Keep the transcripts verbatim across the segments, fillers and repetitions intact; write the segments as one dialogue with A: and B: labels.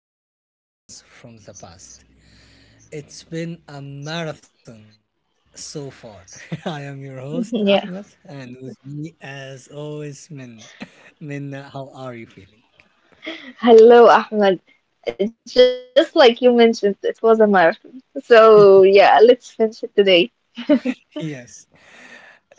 A: podcast Lessons from the Past. It's been a marathon so far. I am your host, Ahmed, and
B: Yeah.
A: with me, as always, Minna. Minna, how are you feeling?
B: Hello, Ahmed. Just like you mentioned, it was a marathon. So yeah, let's finish it today.
A: Yes.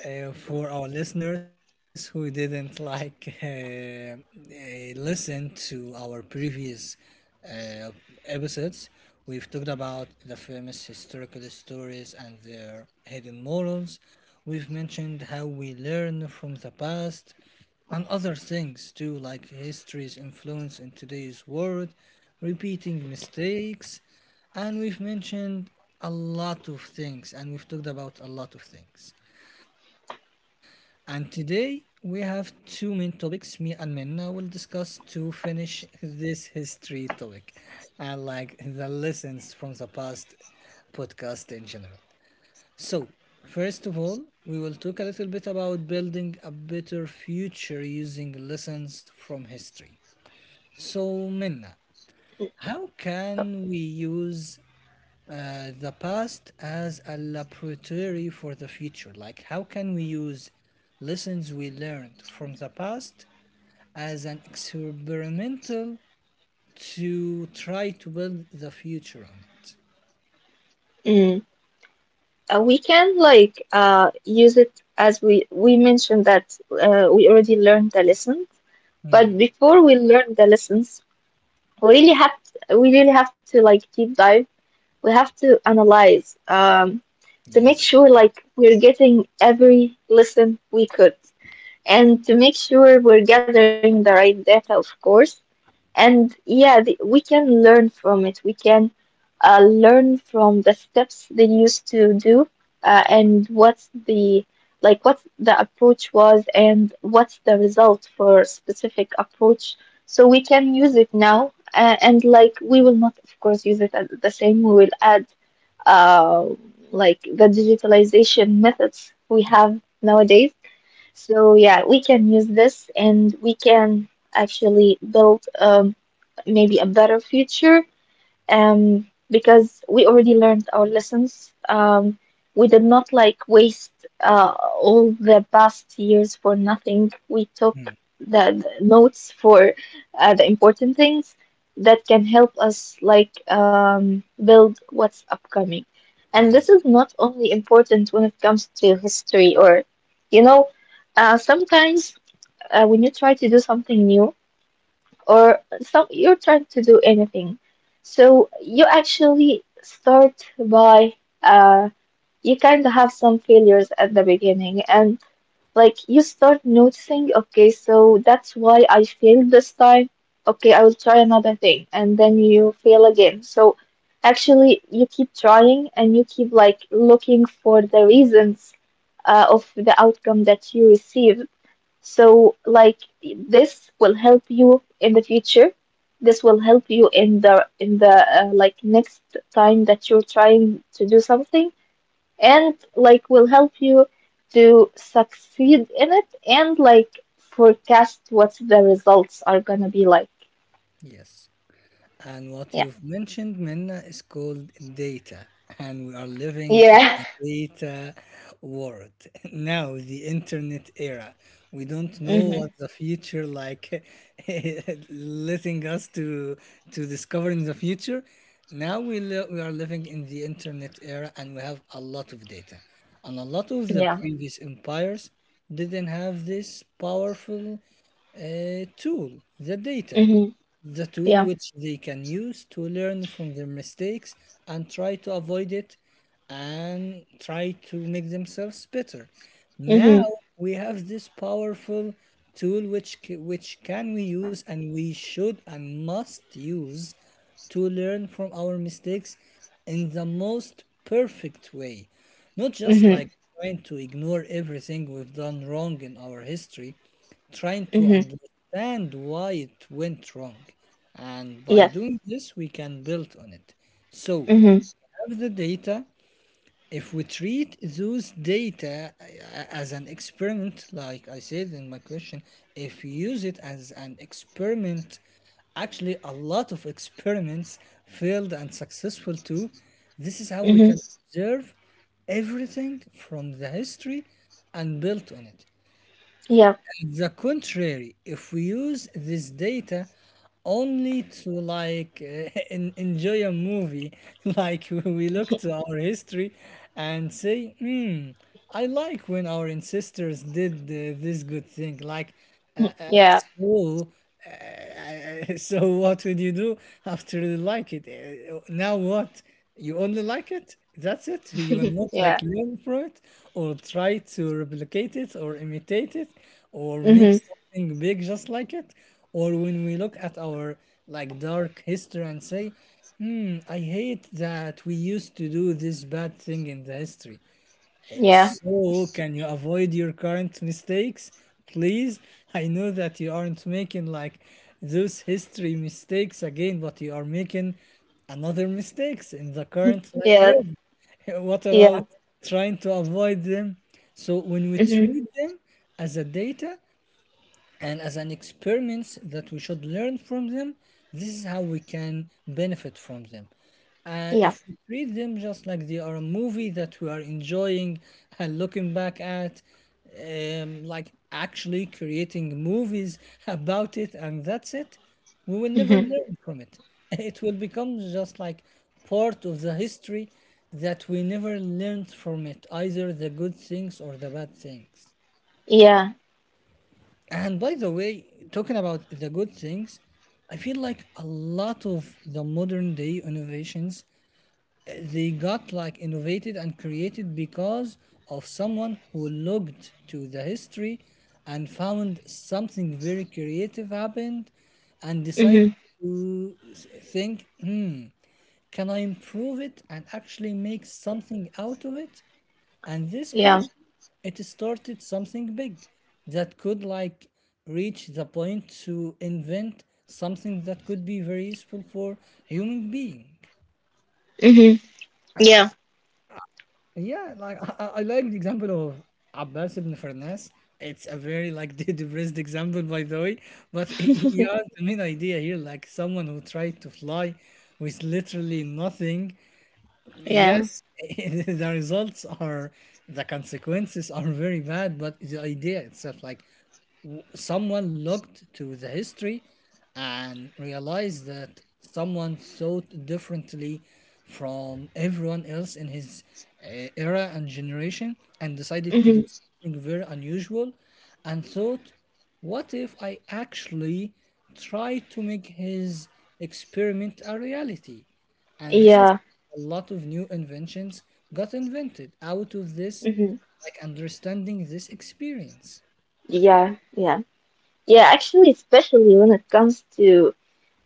A: uh, For our listeners who didn't like uh, uh, listen to our previous uh, episodes, we've talked about the famous historical stories and their hidden morals. We've mentioned how we learn from the past, and other things too, like history's influence in today's world, repeating mistakes. And we've mentioned a lot of things, and we've talked about a lot of things. And today we have two main topics me and Minna will discuss to finish this history topic, and like the lessons from the past podcast in general. So, first of all, we will talk a little bit about building a better future using lessons from history. So, Minna, how can we use uh, the past as a laboratory for the future. Like, how can we use lessons we learned from the past as an experimental to try to build the future on it?
B: Mm. Uh, we can like uh use it as we we mentioned that uh, we already learned the lessons, but before we learn the lessons, we really have to, we really have to like deep dive. We have to analyze um to make
A: Yes,
B: sure like we're getting every lesson we could, and to make sure we're gathering the right data, of course. And yeah, the, we can learn from it. We can uh, learn from the steps they used to do, uh, and what's the like what the approach was, and what's the result for a specific approach. So we can use it now, uh, and like we will not, of course, use it at the same. We will add uh, like the digitalization methods we have
A: exactly.
B: nowadays, so yeah, we can use this, and we can actually build, um, maybe a better future, um, because we already learned our lessons. Um, we did not like waste uh, all the past years for nothing. We took
A: Mm,
B: the, the notes for uh, the important things that can help us like, um, build what's upcoming. And this
A: yes,
B: is not only important when it comes to history, or, you know, uh, sometimes, uh, when you try to do something new, or some you're trying to do anything. So you actually start by, uh you kind of have some failures at the beginning, and like you start noticing, okay, so that's why I failed this time. Okay, I will try another thing, and then you fail again. So actually you keep trying, and you keep like looking for the reasons, uh, of the outcome that you receive. So, like, this will help you in the future. This will help you in the in the uh, like next time that you're trying to do something, and like will help you to succeed in it, and like forecast what the results are gonna be like.
A: yes. And what
B: Yeah.
A: you've mentioned, Minna, is called data. And we are living in
B: Yeah.
A: the data world. Now, the internet era. We don't know
B: Mhm.
A: what the future like letting us to to discover in the future. Now we li- we are living in the internet era, and we have a lot of data. And a lot of the
B: Yeah.
A: previous empires didn't have this powerful uh, tool, the data,
B: Mhm.
A: the tool
B: Yeah.
A: which they can use to learn from their mistakes and try to avoid it, and try to make themselves better. Now
B: Mhm.
A: we have this powerful tool which c- which can we use, and we should and must use to learn from our mistakes in the most perfect way. Not just
B: Mhm.
A: like trying to ignore everything we've done wrong in our history, trying to
B: Mhm.
A: understand why it went wrong. And by
B: Yes.
A: doing this, we can build on it. So,
B: Mhm.
A: have the data. If we treat those data uh, as an experiment, like I said in my question, if you use it as an experiment, actually, a lot of experiments failed and successful too. This is how we
B: Mhm.
A: can observe everything from the history and build on it.
B: Yeah.
A: The contrary, if we use this data only to like uh, en- enjoy a movie, like we look to our history and say, hmm, I like when our ancestors did uh, this good thing. Like, uh, uh,
B: Yeah.
A: so, uh, so what would you do after you like it? Uh, now what? You only like it. That's it. You will not like
B: Yeah.
A: learn from it or try to replicate it or imitate it, or make
B: Mhm.
A: something big just like it. Or when we look at our like dark history and say, hmm, I hate that we used to do this bad thing in the history.
B: Yeah.
A: So, can you avoid your current mistakes, please? I know that you aren't making like those history mistakes again, but you are making another mistakes in the current like
B: Yeah.
A: world. What about
B: Yeah.
A: trying to avoid them? So, when we treat
B: Mhm.
A: them as a data, and as an experiments that we should learn from them, this is how we can benefit from them. And if
B: Yeah.
A: we treat them just like they are a movie that we are enjoying and looking back at, um, like actually creating movies about it, and that's it, we will never
B: Hmm.
A: learn from it. It will become just like part of the history that we never learned from it, either the good things or the bad things.
B: Yeah.
A: And by the way, talking about the good things, I feel like a lot of the modern day innovations, uh, they got like innovated and created because of someone who looked to the history and found something very creative happened, and decided
B: Hmm.
A: to s- think, hmm, can I improve it and actually make something out of it? And this could,
B: Yeah.
A: it started something big that could like reach the point to invent something that could be very useful for human being.
B: Hmm. Yeah.
A: Yeah, like I, I I like the example of Abbas ibn Farnas. It's a very like de- depressed example, by the way, but he he has the main idea here, like someone who tried to fly with literally nothing.
B: Yeah.
A: Yes, the results are, the consequences are very bad, but the idea itself, like someone looked to the history and realized that someone thought differently from everyone else in his uh, era and generation, and decided to
B: Hmm.
A: do something very unusual, and thought, what if I actually try to make his experiment a reality? And this is
B: Yeah.
A: a lot of new inventions got invented out of this,
B: Hmm.
A: like understanding this experience.
B: Yeah. Yeah. Yeah. Actually, especially when it comes to,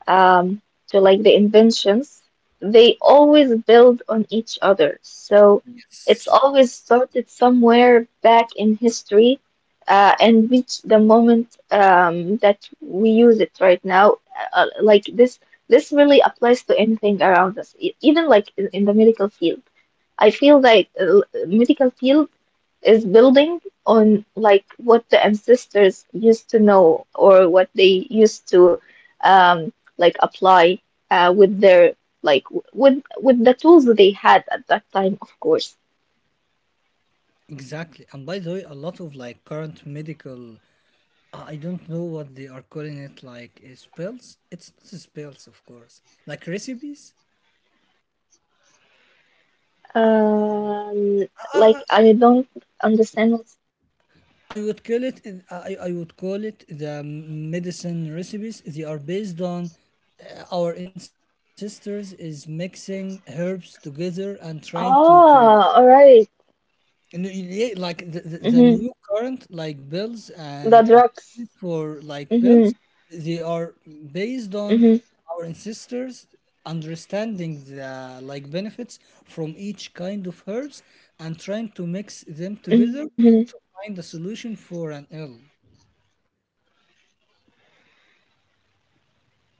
B: um, to like the inventions, they always build on each other. So it's
A: Yes.
B: always started somewhere back in history, uh, and reached the moment, um, that we use it right now. Uh, like this, this really applies to anything around us, e- even like in in the medical field. I feel like, uh, medical field is building on like what the ancestors used to know, or what they used to, um, like apply, uh, with their, like w- with with the tools that they had at that time, of course.
A: Exactly. And by the way, a lot of like current medical, I I don't know what they are calling it, like uh, spells. It's not spells, of course. Like recipes.
B: Um,
A: Uh,
B: like, I don't understand what's...
A: I would call it. uh, I I would call it the medicine recipes. They are based on uh, our ancestors is mixing herbs together and trying to to
B: Ah, all right.
A: And you- yeah, like the, the, the
B: Mm-hmm.
A: new current like bills
B: The
A: and
B: drugs.
A: for like
B: Mm-hmm.
A: bills, they are based on
B: Mm-hmm.
A: our ancestors understanding the like benefits from each kind of herbs and trying to mix them together
B: Mm-hmm.
A: to find a solution for an ill.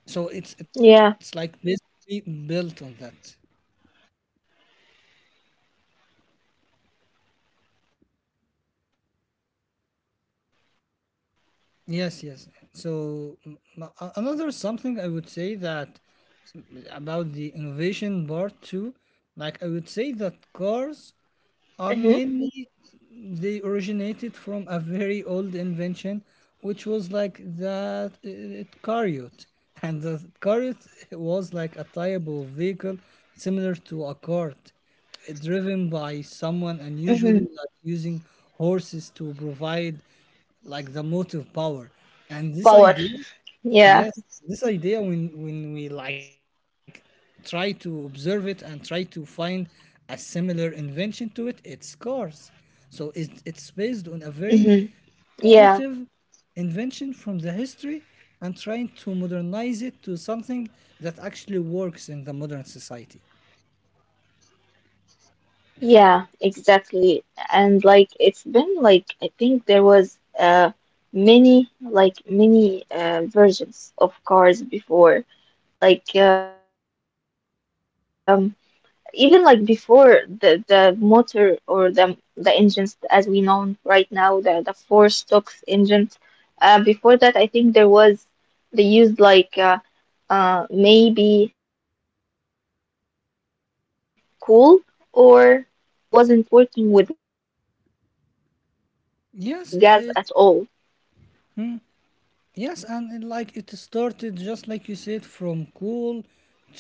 A: So it's
B: Yeah.
A: it's like basically built on that. Yes, yes. So m- m- a- another something I would say that about the innovation part too, like I would say that cars
B: Mm-hmm.
A: are mainly they originated from a very old invention, which was like that uh, chariot, and the chariot was like a type of vehicle similar to a cart, uh, driven by someone, and usually like
B: Mm-hmm.
A: using horses to provide like the motive power. And this idea
B: Power.
A: Yes, this idea
B: Yeah.
A: when when we like try to observe it and try to find a similar invention to it, it scars. So it's it's based on a very
B: Mm-hmm.
A: primitive
B: Yeah.
A: invention from the history, and trying to modernize it to something that actually works in the modern society.
B: Yeah, exactly. And like it's been like, I think there was uh many like many uh versions of cars before. Like, um even like before the the motor, or the the engines as we know right now, the the four stocks engines. Uh before that, I think there was they used like, uh uh maybe coal, or I don't know, but like the first car ever, I think it wasn't working with gas at all.
A: Yes, it. Hmm. Yes, and it, like it started just like you said from cool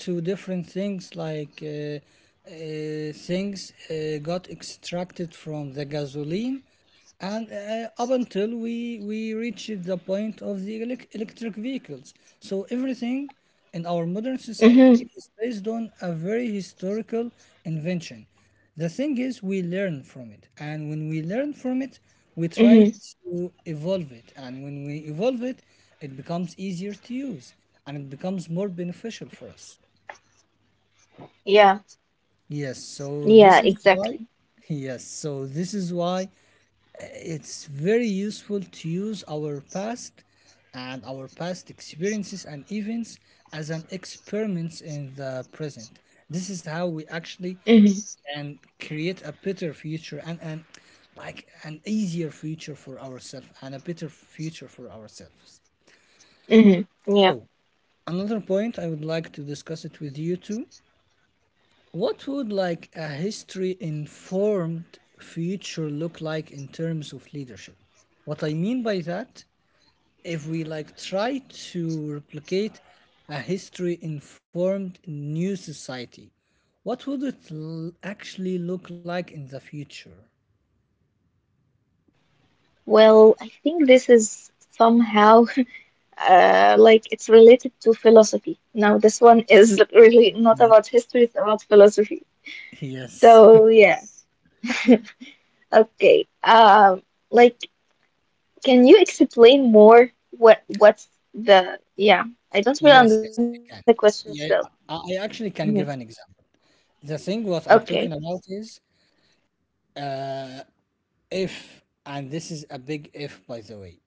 A: to different things like uh, uh, things uh, got extracted from the gasoline, and uh, up until we we reached the point of the elec electric vehicles, so everything in our modern society is based on
B: Mm-hmm.
A: a very historical invention. The thing is we learn from it, and when we learn from it
B: Mm-hmm.
A: we try to evolve it, and when we evolve it it becomes easier to use, and it becomes more beneficial for us.
B: Yeah.
A: Yes, so this
B: Yeah,
A: is why,
B: exactly.
A: yes, so this is why it's very useful to use our past and our past experiences and events as an experiments in the present. This is how we actually can create
B: Mm-hmm.
A: a better future, and, and like an easier future for ourselves and a better future for ourselves. So another
B: Mm-hmm. Yeah.
A: point I would like to discuss it with you too, what would like a history informed future look like in terms of leadership. What I mean by that, if we like try to replicate a history informed new society, what would it l- actually look like in the future?
B: Well, I think this is somehow uh like it's related to philosophy. Now, this one is really not about
A: Yes,
B: history, it's about philosophy.
A: yes,
B: So, yeah. Okay. Um, like, can you explain more what what's the yeah, I don't really
A: yes,
B: understand
A: yes,
B: the
A: I can.
B: question still.
A: Yeah, I, I actually can give an example. The thing what I'm
B: Okay.
A: talking about is uh, if, and this is a big if, by the way,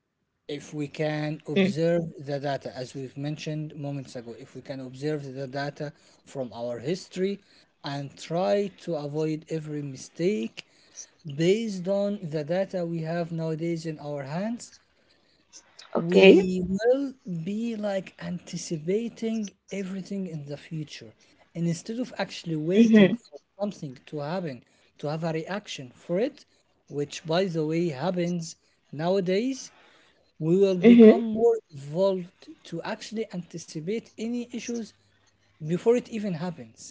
A: if we
B: Mm.
A: can observe the data, as we've mentioned moments ago, if we can observe the data from our history and try to avoid every mistake based on the data we have nowadays in our hands,
B: Okay.
A: we will be like anticipating everything in the future. And instead of actually
B: Mhm.
A: waiting for something to happen, to have a reaction for it, which by the way happens nowadays, we will
B: Mhm.
A: become more evolved to actually anticipate any issues before it even happens.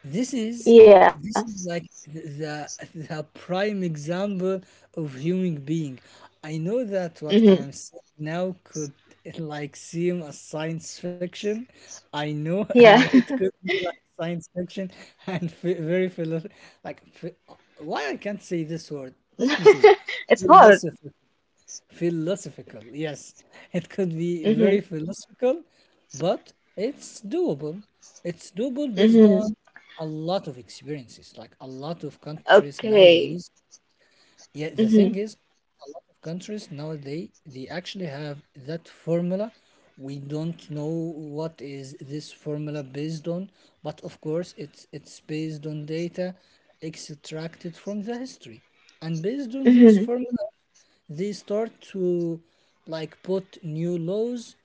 A: This is
B: Yeah.
A: this is like the the prime example of human being. I know that what
B: Mhm.
A: I'm saying now could like seem a science fiction. I know, and
B: Yeah.
A: it could be like science fiction and f- very philo like phi- why I can't say this word. Let me say it.
B: It's hard.
A: Philosophical Philosophical, yes. It could be very
B: Mhm.
A: philosophical, but it's doable. It's doable based
B: Mhm.
A: on a lot of experiences, like a lot of countries nowadays.
B: Okay.
A: Yeah, the thing
B: Mhm.
A: is, a lot of countries nowadays, they actually have that formula. We don't know what is this formula based on, but of course, it's it's based on data extracted from the history. And based on those
B: Mhm.
A: formulas, they start to like put new laws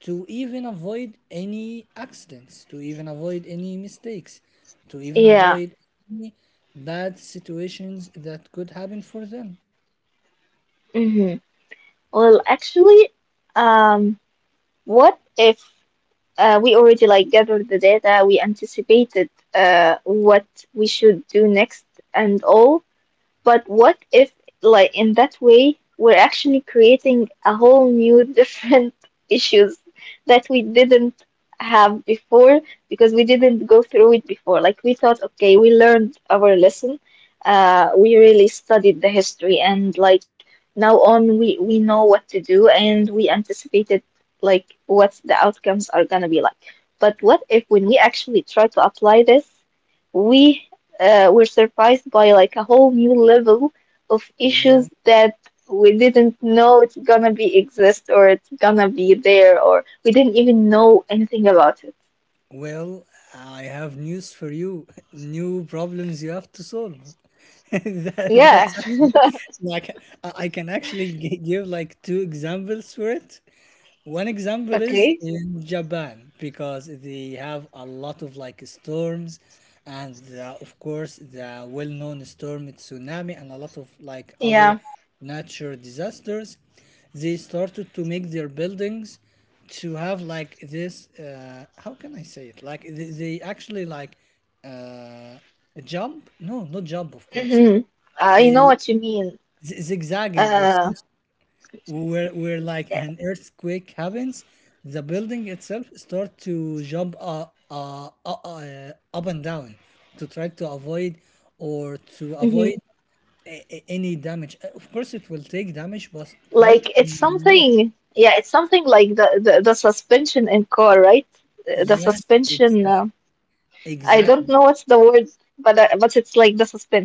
A: to even avoid any accidents, to even avoid any mistakes, to even
B: Yeah.
A: avoid any bad situations that could happen for them.
B: Mhm. Well, actually, um, what if, uh, we already like gathered the data, we anticipated, uh what we should do next, and all. But what if, like, in that way, we're actually creating a whole new different issues that we didn't have before, because we didn't go through it before. Like, we thought, okay, we learned our lesson. Uh, we really studied the history, and like now on, we we know what to do, and we anticipated like what the outcomes are gonna be like. But what if, when we actually try to apply this, we uh, were surprised by like a whole new level of
A: Well,
B: issues that we didn't know it's gonna be exist, or it's gonna be there, or we didn't even know anything about it?
A: well, I have news for you. New problems you have to solve. that, that's
B: Yeah.
A: actually, like I I can actually gi- give like two examples for it. One example is
B: Okay.
A: in Japan because they have a lot of like storms and uh, of course the well-known storm tsunami and a lot of like other
B: Yeah.
A: natural disasters. They started to make their buildings to have like this uh, how can I say it? Like they, they actually like uh, jump? No, not jump of course.
B: Hmm.
A: Like
B: I know
A: a
B: what you mean.
A: z- zigzagging or
B: Uh,
A: something where where like an earthquake happens, the building itself start to jump uh, uh, uh, uh, up and down to try to avoid
B: hmm
A: or to avoid a- a- any damage. Uh, Of course, it will take
B: Like
A: damage,
B: it's
A: but try to
B: something. Yeah,
A: minimize.
B: it's something like the the, the suspension in car, right? Uh, The
A: Yes,
B: suspension. Uh,
A: exact,
B: I don't know what's
A: exactly.
B: the word, but uh, but it's like the suspension.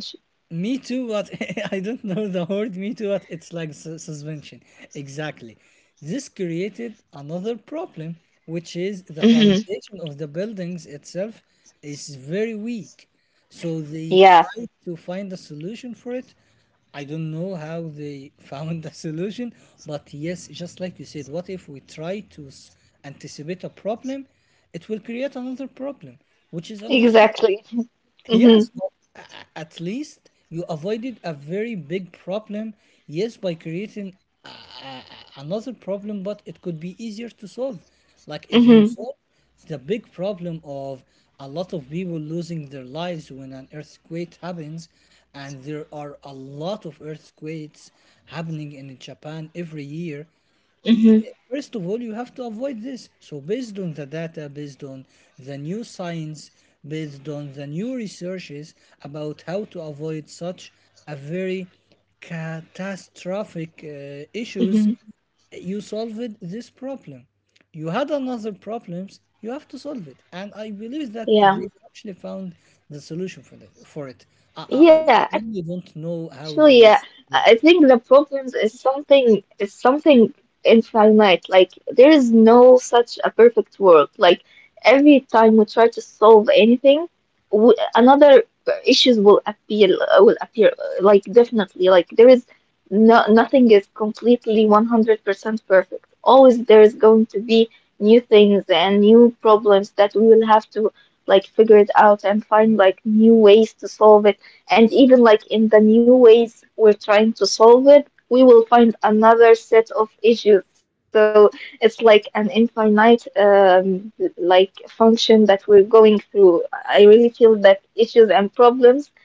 A: Me too, but I don't know the word me too, but it's like su- suspension. Exactly. This created another problem, which is the
B: Mhm.
A: foundation of the buildings itself is very weak. So they
B: Yeah,
A: tried to find a solution for it. I don't know how they found a solution, but yes, just like you said, what if we try to s- anticipate a problem? It will create another problem, which is understandable.
B: exactly.
A: Yes,
B: Mm-hmm,
A: but a- at least you avoided a very big problem, yes, by creating a- a- a- another problem, but it could be easier to solve. Like if you
B: mm-hmm,
A: solve the big problem of a lot of people losing their lives when an earthquake happens, and there are a lot of earthquakes happening in Japan every year, Y-
B: mm-hmm,
A: First of all, you have to avoid this. So, based on the data, based on the new science, based on the new researches about how to avoid such a very catastrophic uh, issues,
B: mm-hmm.
A: you solved this problem. You had another problems. You have to solve it, and I believe that
B: Yeah.
A: they actually found the solution for that for it. I I, I
B: Yeah,
A: only
B: actually, yeah,
A: don't know
B: I I
A: how
B: think
A: they
B: the problems
A: solved
B: is
A: it.
B: something is something infinite. Like there is no such a perfect world. Like, every time we try to solve anything, w another, uh, issues will appear uh, will appear. uh, Like, definitely, like there is no nothing is completely one hundred percent perfect. Always there is going to be new things and new problems that we will have to like figure it out, and find like new ways to solve it, and even like in the new ways we're trying to solve it, we will find another set of issues. So it's like an infinite, um, like function that we're going through. I really feel that issues and problems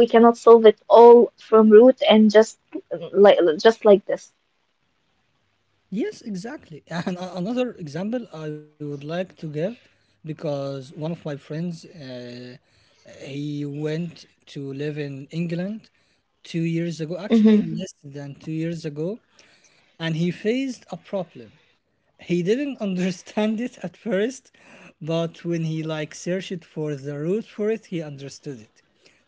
B: we cannot solve it all from root, and just, uh, like, just like this.
A: Yes, exactly. And a- another example I would like to give because one of my friends, uh, he went to live in England two years ago, actually
B: Mm-hmm.
A: less than two years ago, and he faced a problem. He didn't understand it at first, but when he like searched for the root for it, he understood it.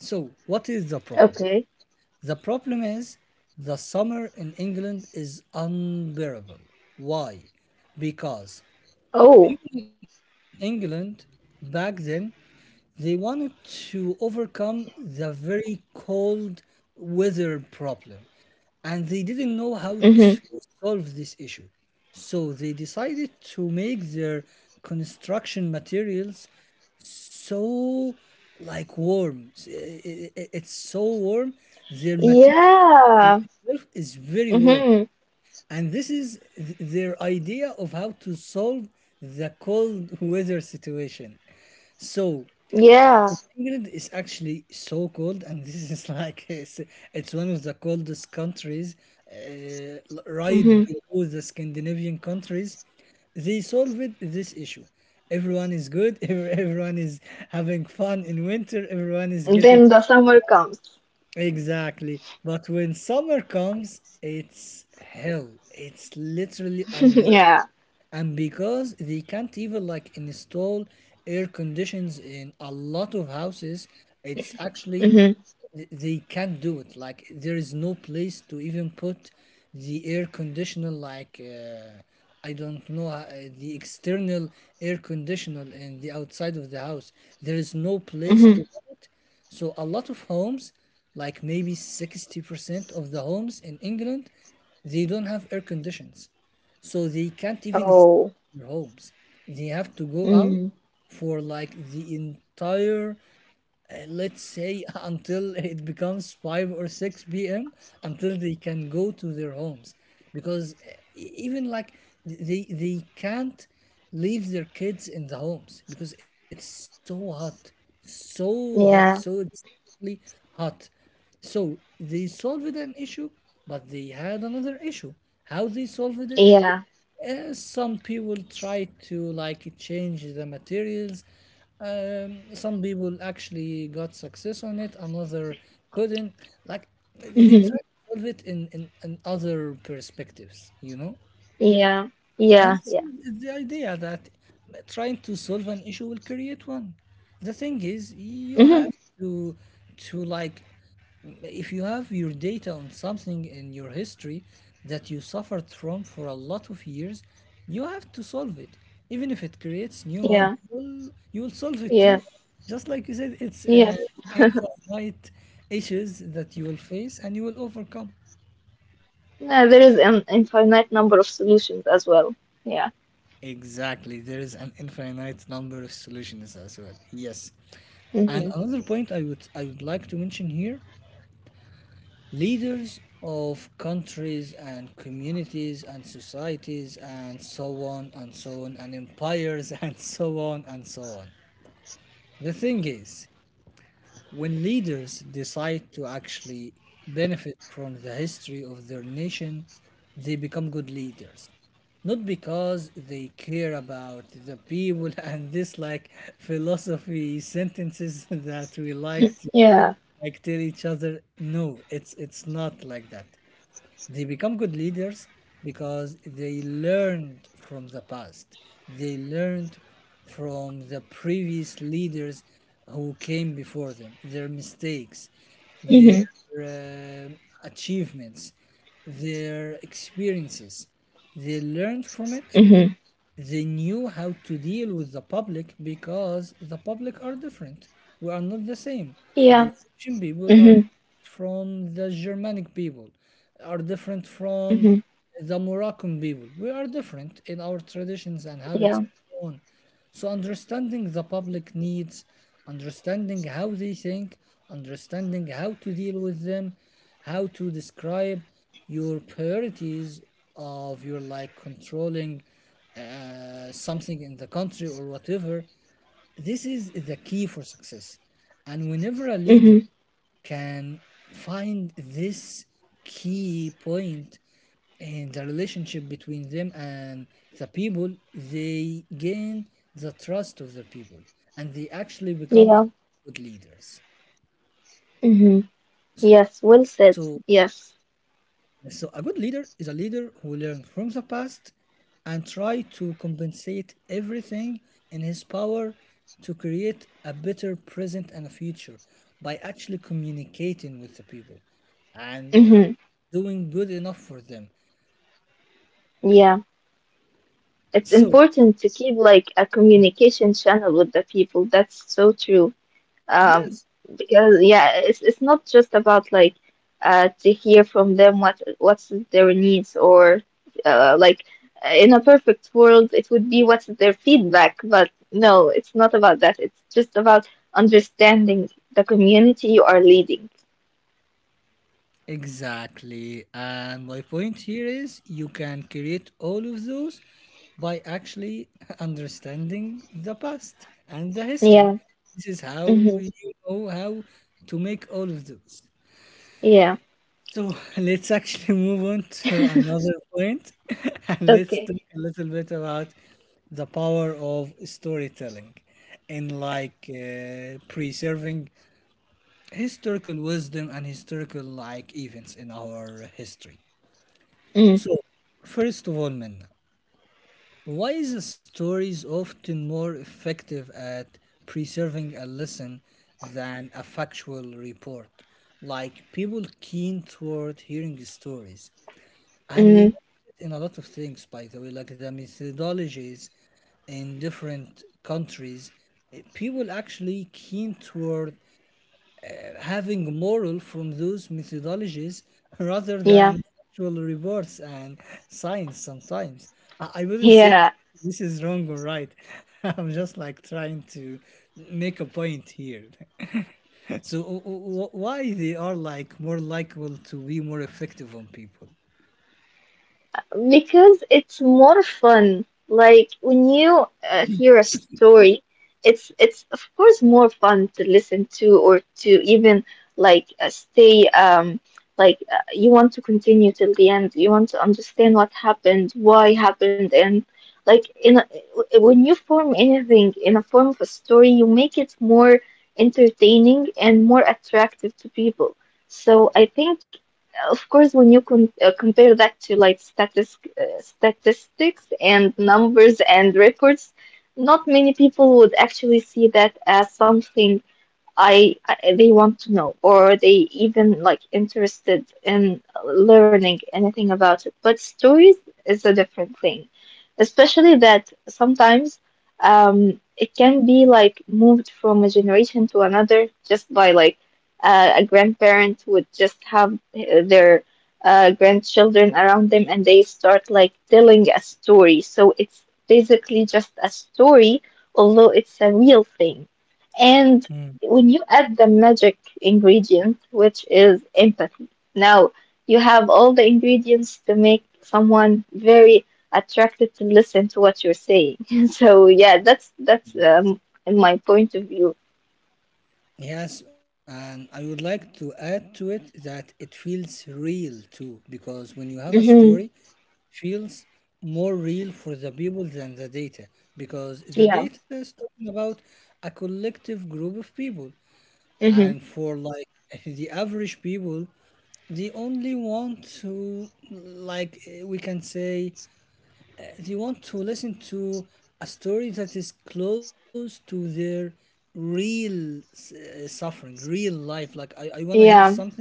A: So, what is the problem?
B: Okay.
A: The problem is the summer in England is unbearable. Why? Because
B: Oh.
A: people in England back then they wanted to overcome the very cold weather problem and they didn't know how
B: Mm-hmm.
A: to solve this issue. So they decided to make their construction materials so like warm. S- i- i- i- It's so warm. Their material
B: Yeah.
A: itself is very warm.
B: Mm-hmm.
A: And this is th- their idea of how to solve the cold weather situation. So
B: Yeah.
A: South England is actually so cold, and this is like it's, it's one of the coldest countries, uh, l- right
B: Mm-hmm.
A: below the Scandinavian countries. They solved this issue. Everyone is good. Every Everyone is having fun in winter. Everyone is getting
B: Then the summer comes.
A: exactly. But when summer comes, it's hell. It's literally unbearable
B: Yeah.
A: and because they can't even like install air conditions in a lot of houses it's actually
B: Mm-hmm.
A: th- they can't do it like there is no place to even put the air conditioner like uh, I don't know uh, the external air conditioner in the outside of the house there is no place to
B: Mm-hmm.
A: put it so a lot of homes, like maybe sixty percent of the homes in England, they don't have air conditions. So they can't even stay
B: Oh.
A: in their homes. They have to go out
B: Mm,
A: for like the entire uh, let's say until it becomes five or six p.m until they can go to their homes because uh, e- even like they they can't leave their kids in the homes because it's so hot so hot so
B: yeah,
A: extremely hot so they solved an issue but they had another issue how they solved it
B: yeah.
A: uh, some people try to like change the materials. Um, some people actually got success on it. Another couldn't. Like they try
B: Hmm.
A: to solve it in in, in other perspectives. You know.
B: Yeah,
A: And
B: yeah,
A: s-
B: yeah.
A: the idea that trying to solve an issue will create one. The thing is,
B: Hmm.
A: you have to to like if you have your data on something in your history that you suffered from for a lot of years, you have to solve it. Even if it creates new one,
B: Yeah,
A: you'll you'll solve it too.
B: yes,
A: Just like you said, it's
B: yes.
A: uh, infinite issues that you will face and you will overcome.
B: Yeah, there is an infinite number of solutions as well. Yeah.
A: Exactly. There is an infinite number of solutions as well. Yes. And
B: Hmm.
A: another point I would I would like to mention here, leaders of countries and communities and societies and so on and so on and empires and so on and so on. The thing is, when leaders decide to actually benefit from the history of their nation, they become good leaders. Not because they care about the people and this like philosophy sentences that we like to
B: Yeah.
A: like tell each other. No, it's it's not like that. They become good leaders because they learned from the past. They learned from the previous leaders who came before them, their mistakes,
B: Hmm.
A: their um achievements, their experiences. They learned from
B: Hmm.
A: it they knew how to deal with the public because the public are different. We are not the same.
B: Yeah.
A: The Egyptian people
B: Hmm.
A: are from the Germanic people, are different
B: Hmm.
A: from the Moroccan people. We are different in our traditions and
B: Yeah.
A: habits and so on. So understanding the public needs, understanding how they think, understanding how to deal with them, how to describe your priorities of your like controlling uh, something in the country or whatever. This is the key for success. And whenever a
B: Hmm.
A: leader can find this key point in the relationship between them and the people, they gain the trust of the people and they actually become
B: Yeah.
A: good leaders.
B: Hmm.
A: So
B: Yes, well said. Yes.
A: So a good leader is a leader who learns from the past and try to compensate everything in his power to create a better present and a future by actually communicating with the people and
B: Hmm.
A: doing good enough for them.
B: Yeah. It's
A: So
B: important to keep like a communication channel with the people. That's so true. Um,
A: yes,
B: because yeah, it's it's not just about like, uh to hear from them what what's their needs, or uh like, uh, in a perfect world it would be what's their feedback, but no, it's not about that. It's just about understanding the community you are leading.
A: exactly. And my point here is you can create all of those by actually understanding the past and the history.
B: Yeah.
A: This is how
B: Mm-hmm.
A: you know how to make all of those.
B: Yeah.
A: So let's actually move on to another point and let's
B: Okay.
A: talk a little bit about the power of storytelling in like uh, preserving historical wisdom and historical like events in our history. So, first of all, Minna, why is a story often more effective at preserving a lesson than a factual report? Like people keen toward hearing stories, and we
B: Mm-hmm.
A: notice it in a lot of things, by the way, like the methodologies in different countries. eh, People actually keen toward having moral from those methodologies rather
B: Yeah.
A: than actual rewards and science sometimes. I, I wouldn't say
B: Yeah.
A: this is wrong or right. I'm just like trying to make a point here. So w- w- why they are like more likable to be more effective on people?
B: Because it's more fun. Like when you, uh, hear a story, it's it's of course more fun to listen to, or to even like, uh, stay, um like, uh, you want to continue till the end. You want to understand what happened, why happened, and like, in a, when you form anything in a form of a story, you make it more entertaining and more attractive to people. So I think, of course, when you, con uh, compare that to like, statis uh, statistics and numbers and reports, not many people would actually see that as something I, I they want to know, or they even like interested in learning anything about it. But stories is a different thing, especially that sometimes um it can be like moved from a generation to another, just by like, uh, a grandparent would just have uh, their uh, grandchildren around them, and they start like telling a story. So it's basically just a story, although it's a real thing. And
A: Mm.
B: when you add the magic ingredient, which is empathy, now you have all the ingredients to make someone very attracted to listen to what you're saying. So yeah, that's that's um in my point of view.
A: Yes, and I would like to add to it that it feels real too, because when you have a
B: Hmm.
A: story, feels more real for the people than the data because the
B: Yeah.
A: data is talking about a collective group of people
B: Hmm.
A: and for like the average people they only want to like eh, we can say they want to listen to a story that is close to their real uh, suffering, real life. Like I, I want to hear
B: Yeah.
A: something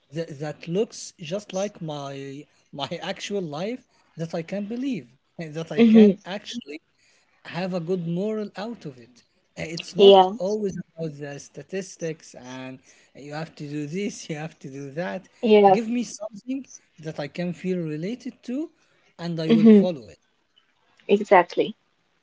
A: that, that looks just like my my actual life that I can believe and that I
B: Hmm.
A: can actually have a good moral out of it. Uh, It's not
B: Yeah.
A: always about the statistics and you have to do this, you have to do that.
B: Yes.
A: Give me something that I can feel related to and I will
B: Hmm.
A: follow it.
B: Exactly.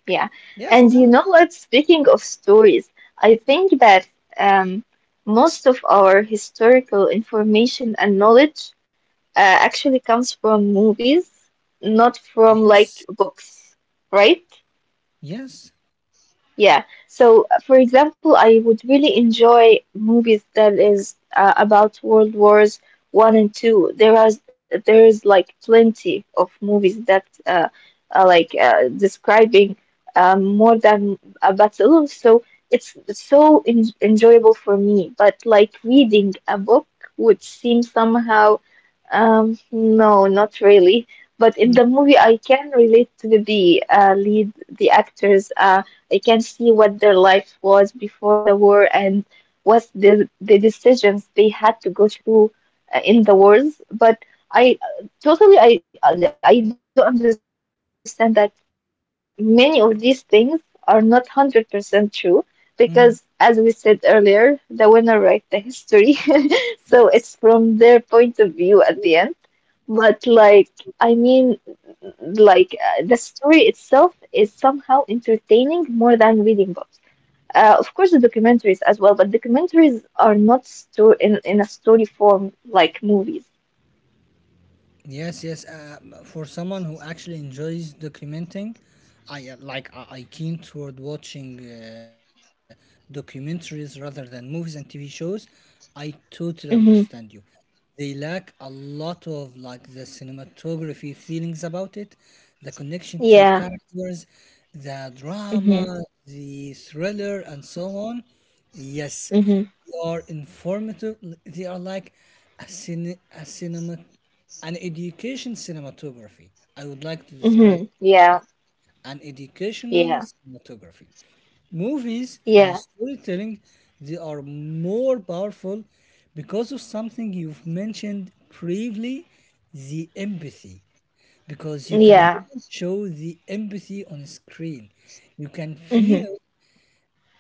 B: Yeah.
A: Yes,
B: And you
A: yeah.
B: know what? Speaking of stories, I think that um most of our historical information and knowledge, uh, actually comes from movies, not from like
A: Yes.
B: books, right?
A: Yes.
B: Yeah. So, uh, for example, I would really enjoy movies that is uh, about World Wars One and Two. There are there is like plenty of movies that, uh, are like, uh, describing, um, more than a battle. So it's so en enjoyable for me. But like reading a book would seem somehow, um, no, not really. But in the movie, I can relate to the, uh, lead, the actors. uh, I can see what their life was before the war, and what the the decisions they had to go through, uh, in the wars. But I uh, totally I I do not understand that many of these things are not one hundred percent true, because as we said earlier, the
A: Mm-hmm.
B: winner write the history. So it's from their point of view at the end. But like, I mean, like, uh, the story itself is somehow entertaining more than reading books. Uh, of course, the documentaries as well, but documentaries are not sto- in, in a story form like movies.
A: Yes, yes. Uh, for someone who actually enjoys documenting, I uh, like I, I keen toward watching uh, documentaries rather than movies and T V shows. I totally understand you.
B: Hmm.
A: They lack a lot of like the cinematography feelings about it, the connection to
B: Yeah.
A: characters, the
B: Hmm.
A: drama, the thriller, and so on. Yes,
B: Hmm.
A: they are informative. They are like a cine, a cinema. An education cinematography. I would like to describe
B: Hmm.
A: it like
B: Yeah.
A: that. An educational
B: Yeah.
A: cinematography. Movies and
B: Yeah.
A: storytelling, they are more powerful because of something you've mentioned previously, the empathy. Because you can
B: Yeah.
A: show the empathy on screen. You can
B: Hmm.
A: feel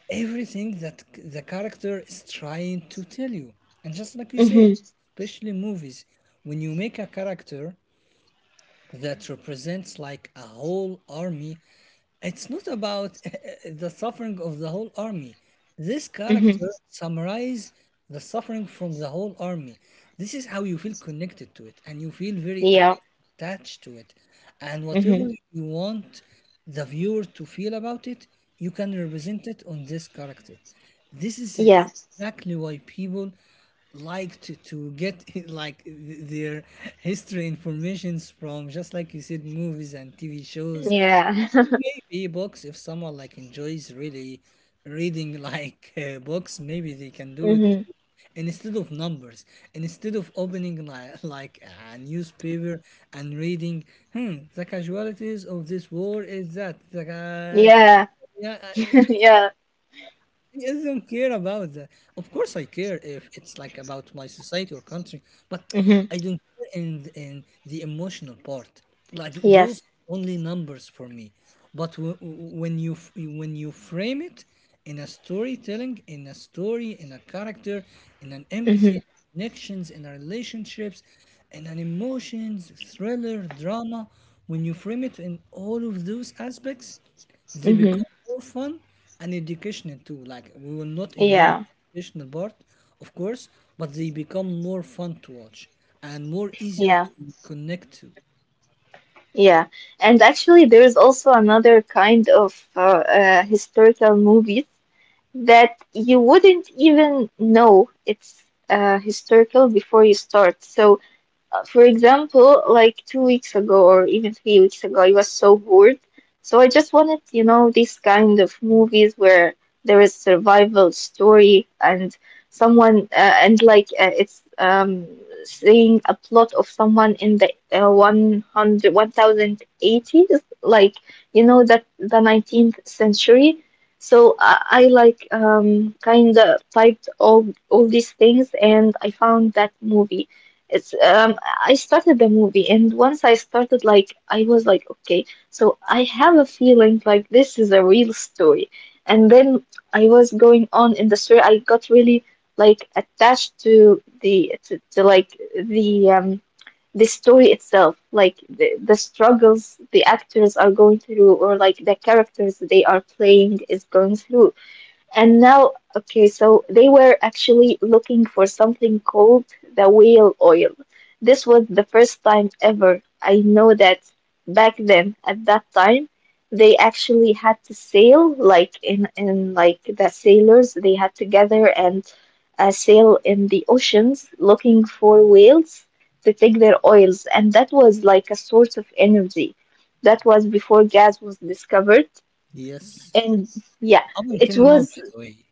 A: everything that c- the character is trying to tell you. And just like we say,
B: Hmm.
A: especially movies, when you make a character that represents like a whole army it's not about the suffering of the whole army. This
B: Hmm.
A: character summarizes the suffering from the whole army. This is how you feel connected to it, and you feel very at-
B: Yeah.
A: attached to it. And whatever
B: Hmm.
A: you want the viewer to feel about it, you can represent it on this character. This is
B: Yeah.
A: exactly why people like to, to get like th- their history informations from just like you said movies and TV shows.
B: Yeah.
A: Maybe books, if someone like enjoys really reading like uh, books, maybe they can do it
B: Hmm.
A: instead of numbers, instead of opening like, like a newspaper and reading, hmm, the casualties of this war is that. The ca-
B: Yeah.
A: yeah, uh,
B: Yeah.
A: he doesn't care about that. Of course, I care if it's like about my society or country, but I don't
B: Hmm.
A: care in in the emotional part. Like those
B: Yes.
A: only numbers for me. But w- when you f- when you frame it in a storytelling, in a story, in a character, in an
B: Hmm.
A: empathy, connections, in a relationships, in an emotions, thriller, drama, when you frame it in all of those aspects. They
B: Hmm.
A: become more fun and educational too. Like we will not ignore the
B: Yeah.
A: educational part, of course, but they become more fun to watch and more easier
B: Yeah.
A: to connect to.
B: Yeah. And actually, there is also another kind of uh, uh, historical movies that you wouldn't even know it's uh, historical before you start. So uh, for example, like two weeks ago or even three weeks ago, I was so bored. So I just wanted, you know, these kind of movies where there is survival story and someone uh, and like uh, it's um saying a plot of someone in the uh, one hundred, like, you know that, the nineteenth century. So I, I like um kind of typed all all these things, and I found that movie. It's um I started the movie, and once I started, like, I was like, okay, so I have a feeling like this is a real story. And then I was going on in the story, I got really, like, attached to the to, to like the um the story itself, like the, the struggles the actors are going through, or like the characters they are playing is going through. And now, okay, so they were actually looking for something called the whale oil. This was the first time ever. I know that back then, at that time, they actually had to sail, like, in in like the sailors, they had to gather and uh, sail in the oceans looking for whales to take their oils, and that was like a source of energy. That was before gas was discovered,
A: Yes.
B: and yeah,
A: Up
B: it
A: until now,
B: was.
A: by the way.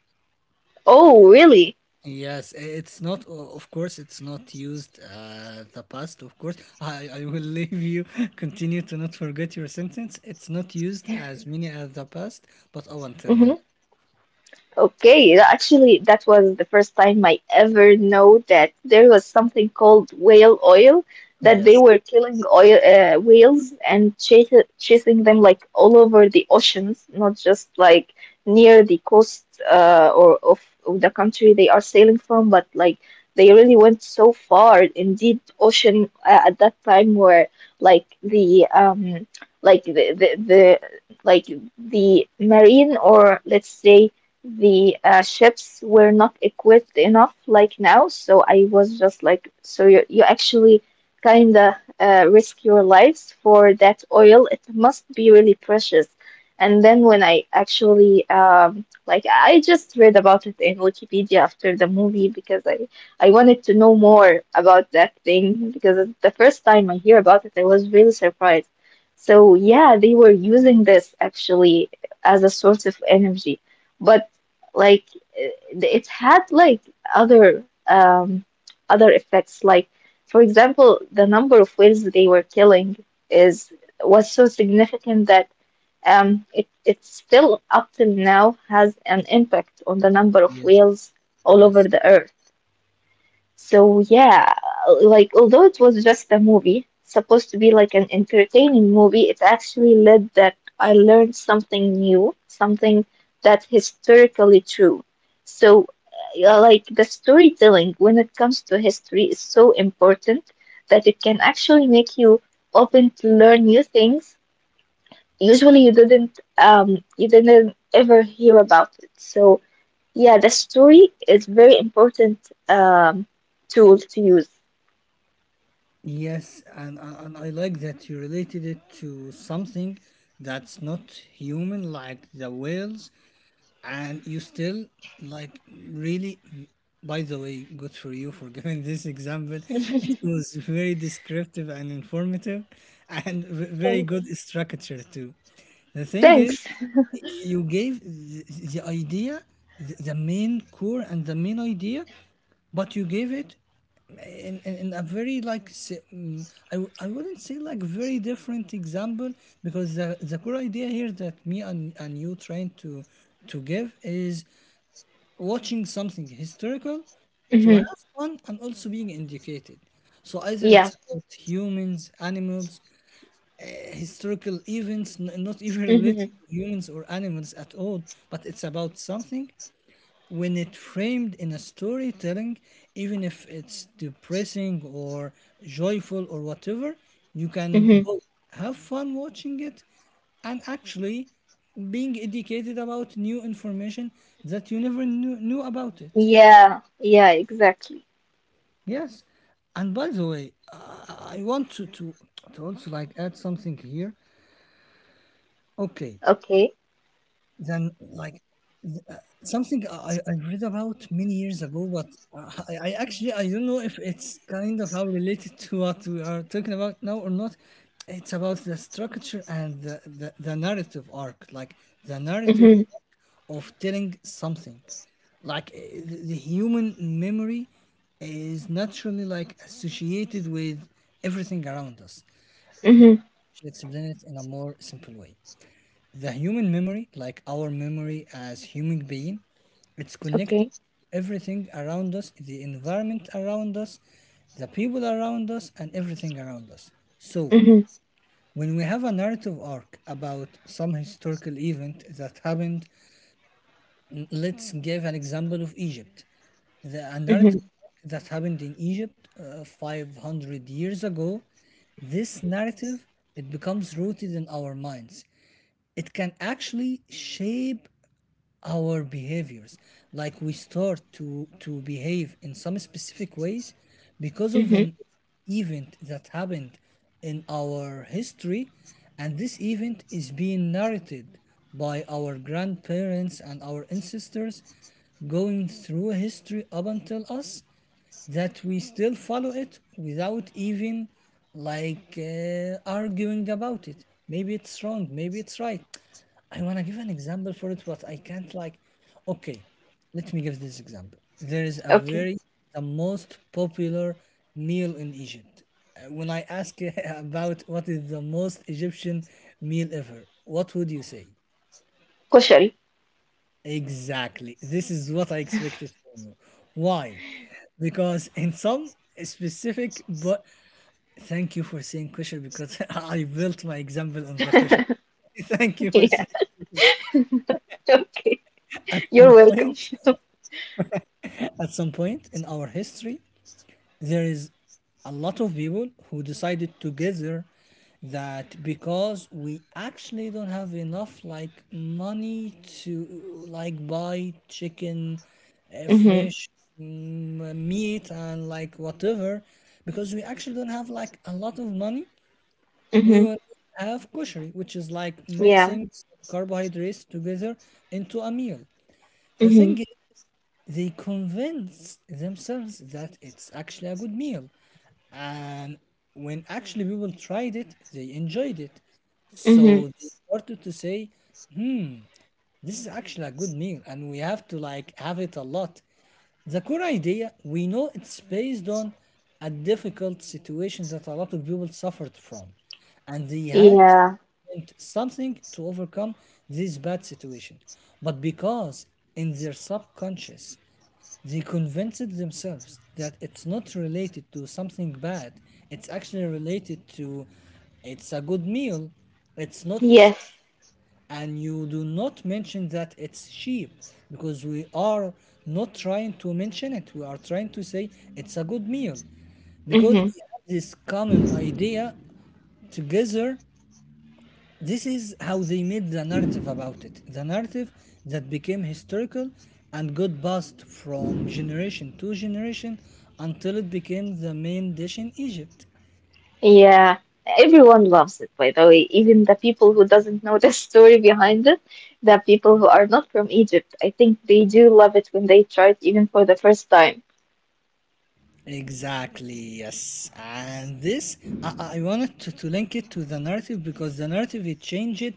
B: Oh, really?
A: Yes, i- it's not, o- of course, it's not used uh, the past, of course. I, I will leave you continue to not forget your sentence. It's not used as many as the past, but up until now.
B: Hmm. Okay, tha- actually, that was the first time I ever know that there was something called whale oil, that they
A: Yes,
B: were killing oil uh, whales and chas chasing them, like, all over the oceans, not just like near the coast, uh, or of, of the country they are sailing from, but like they really went so far in deep ocean uh, at that time, where like the um like the the, the like the marine, or let's say the uh, ships, were not equipped enough like now. So i was just like, so you, you actually kind of uh, risk your lives for that oil. It must be really precious. And then when i actually um, like, i just read about it in Wikipedia after the movie, because i i wanted to know more about that thing, because it's the first time i hear about it. I was really surprised. So yeah, they were using this actually as a source of energy. But like, it- it's had like other um other effects. Like, for example, the number of whales they were killing is was so significant that, um it it's still up till now has an impact on the number of
A: yes, yes,
B: whales all over
A: yes.
B: the earth. So yeah, like, although it was just a movie, supposed to be like an entertaining movie, it actually led that I learned something new, something that historically true. So uh, like, the storytelling when it comes to history is so important that it can actually make you open to learn new things. Usually you didn't, um you didn't ever hear about it. So yeah, the story is very important um, tool to use.
A: Yes, and, and I like that you related it to something that's not human, like the whales, and you still like really. By the way, good for you for giving this example. It was very descriptive and informative, and v- very
B: Thanks.
A: good structure too. The thing is,
B: Thanks.
A: you gave the, the idea, the, the main core and the main idea, but you gave it in, in, in a very like si- mm, I, w- I wouldn't say like very different example because the, the core idea here that me and, and you trying to to give is watching something historical to have
B: Hmm.
A: fun and also being educated, so either
B: Yeah.
A: it's about humans, animals, uh, historical events, n- not even related
B: Hmm.
A: to humans or animals at all, but it's about something. When it framed in a storytelling, even if it's depressing or joyful or whatever, you can
B: Hmm.
A: both have fun watching it and actually being educated about new information that you never knew, knew about it.
B: Yeah. Yeah. Exactly.
A: Yes. And by the way, I I want to, to, to also like add something here. Okay.
B: Okay.
A: Then like, something I, I read about many years ago, but uh, I, I actually I don't know if it's kind of how related to what we are talking about now or not. It's about the structure and the, the, the narrative arc, like the narrative
B: Hmm.
A: of telling something. Like uh, the the human memory is naturally like associated with everything around us.
B: Hmm.
A: Should explain it in a more simple way, the human memory, like our memory as human being, it's connected to
B: Okay.
A: everything around us, the environment around us, the people around us, and everything around us. So
B: Hmm.
A: when we have a narrative arc about some historical event that happened, n- let's give an example of Egypt. The a
B: Hmm.
A: narrative arc that happened in Egypt uh, five hundred years ago, this narrative, it becomes rooted in our minds. It can actually shape our behaviors, like we start to to behave in some specific ways because of
B: Hmm.
A: an event that happened in our history, and this event is being narrated by our grandparents and our ancestors, going through history up until us, that we still follow it without even like uh, arguing about it. Maybe it's wrong, maybe it's right. I want to give an example for it, but I can't like. Okay, let me give this example. There is a
B: Okay.
A: very, the most popular meal in Egypt. Uh, When I ask about what is the most Egyptian meal ever, what would you say?
B: Koshari.
A: Exactly. This is what I expected from you. Why? Because in some specific, but thank you for saying kosher, because I built my example on the kosher. Thank you for
B: Yeah.
A: saying, at
B: Okay.
A: some point,
B: You're welcome.
A: at some point in our history, there is a lot of people who decided together that because we actually don't have enough like money to like buy chicken, uh,
B: Hmm.
A: fish, mm, meat, and like whatever, because we actually don't have like a lot of money, we
B: Hmm.
A: will have kosher, which is like
B: Yeah.
A: mixing carbohydrates together into a meal. The
B: Hmm.
A: thing is, they convince themselves that it's actually a good meal, and when actually people tried it, they enjoyed it,
B: Hmm.
A: so they started to say this is actually a good meal and we have to like have it a lot. The core idea, we know it's based on a difficult situation that a lot of people suffered from, and they had
B: Yeah.
A: meant something to overcome this bad situation. But because in their subconscious, they convinced themselves that it's not related to something bad. It's actually related to, it's a good meal. It's not cheap.
B: Yes.
A: And you do not mention that it's cheap, because we are not trying to mention it. We are trying to say it's a good meal, because
B: Hmm.
A: they have this common idea together. This is how they made the narrative about it, the narrative that became historical and got passed from generation to generation until it became the main dish in Egypt.
B: Yeah, everyone loves it, by the way. Even the people who doesn't know the story behind it, the people who are not from Egypt, I think they do love it when they try it, even for the first time.
A: Exactly, yes. And this, I, I wanted to, to link it to the narrative, because the narrative, it changed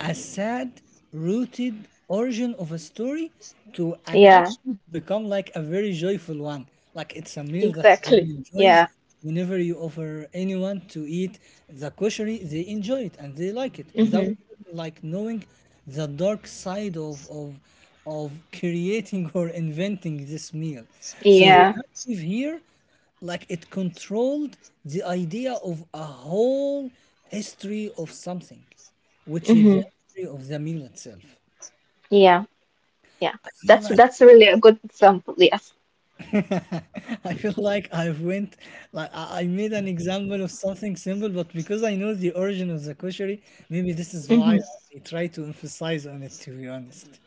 A: a sad, rooted origin of a story to an
B: Yeah,
A: action become like a very joyful one. Like it's a meal that
B: exactly.
A: everyone enjoys.
B: Yeah.
A: Whenever you offer anyone to eat the kosheri, they enjoy it and they like it without
B: Mm-hmm.
A: like knowing the dark side of of of creating or inventing this meal. So the
B: Yeah.
A: narrative here, like it controlled the idea of a whole history of something, which is
B: Mm-hmm.
A: the history of the meal itself.
B: Yeah. Yeah.
A: I feel
B: That's
A: like
B: that's really a good example. Yes.
A: I feel like I went like I I made an example of something simple, but because I know the origin of the koshari, maybe this is why
B: Mm-hmm.
A: I try to emphasize on it to be honest.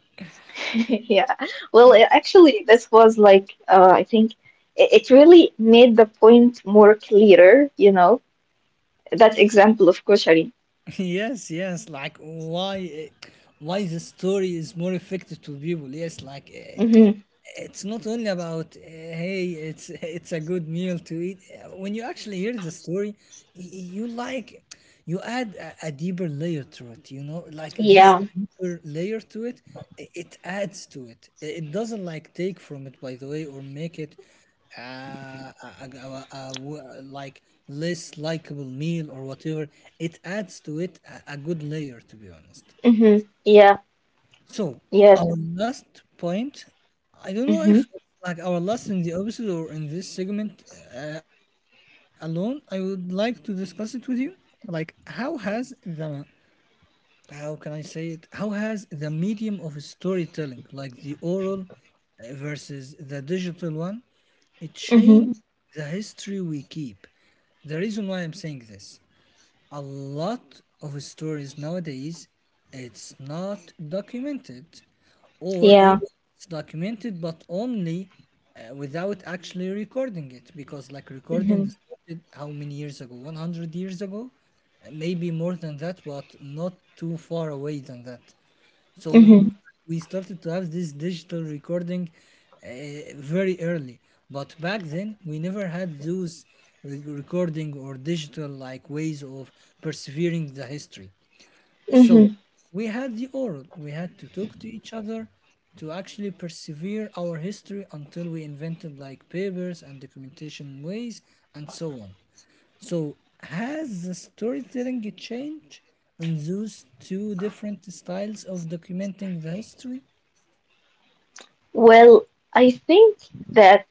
B: Yeah. Well, it, actually, this was like, uh, I think it, it really made the point more clearer. You know that example of koshari.
A: Yes, yes, like why eh, why the story is more effective to people, yes, like eh,
B: Mm-hmm.
A: it's not only about uh, hey it's it's a good meal to eat. When you actually hear the story, y- you like, you add a, a deeper layer to it you know like this
B: Yeah.
A: deeper layer to it, i- it adds to it. I- it doesn't like take from it, by the way, or make it uh, a, a, a- a w- like less likable meal or whatever. It adds to it a, a good layer, to be honest.
B: Mm-hmm. Yeah.
A: So
B: Yes.
A: our last point, I don't know if
B: Mm-hmm.
A: it's like our last in the episode or in this segment uh, alone. I would like to discuss it with you, like how has the how can I say it? How has the medium of storytelling, like the oral uh, versus the digital one, it changed
B: Mm-hmm.
A: the history we keep. The reason why I'm saying this, a lot of stories nowadays, it's not documented, or
B: Yeah.
A: even it's documented but only uh, without actually recording it, because like
B: Mm-hmm.
A: recording started how many years ago, one hundred years ago. Uh, maybe more than that, but not too far away than that. So
B: Mm-hmm.
A: we started to have this digital recording uh, very early. But back then, we never had those re- recording or digital like ways of persevering the history. So
B: Mm-hmm.
A: we had the oral. We had to talk to each other to actually persevere our history until we invented like papers and documentation ways and so on. So, has the storytelling changed in those two different styles of documenting the history?
B: Well, I think that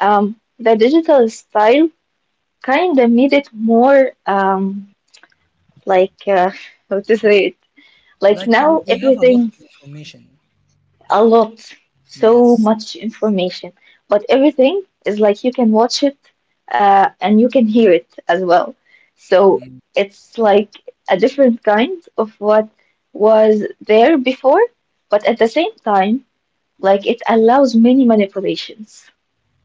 B: um the digital style kind of made it more, um like, uh, how to say it, like,
A: Like,
B: now
A: we we have a lot
B: everything.
A: of information.
B: A lot, so
A: Yes.
B: much information. But everything is like you can watch it, uh, and you can hear it as well. So
A: Mm.
B: it's like a different kind of what was there before, but at the same time, like it allows many manipulations,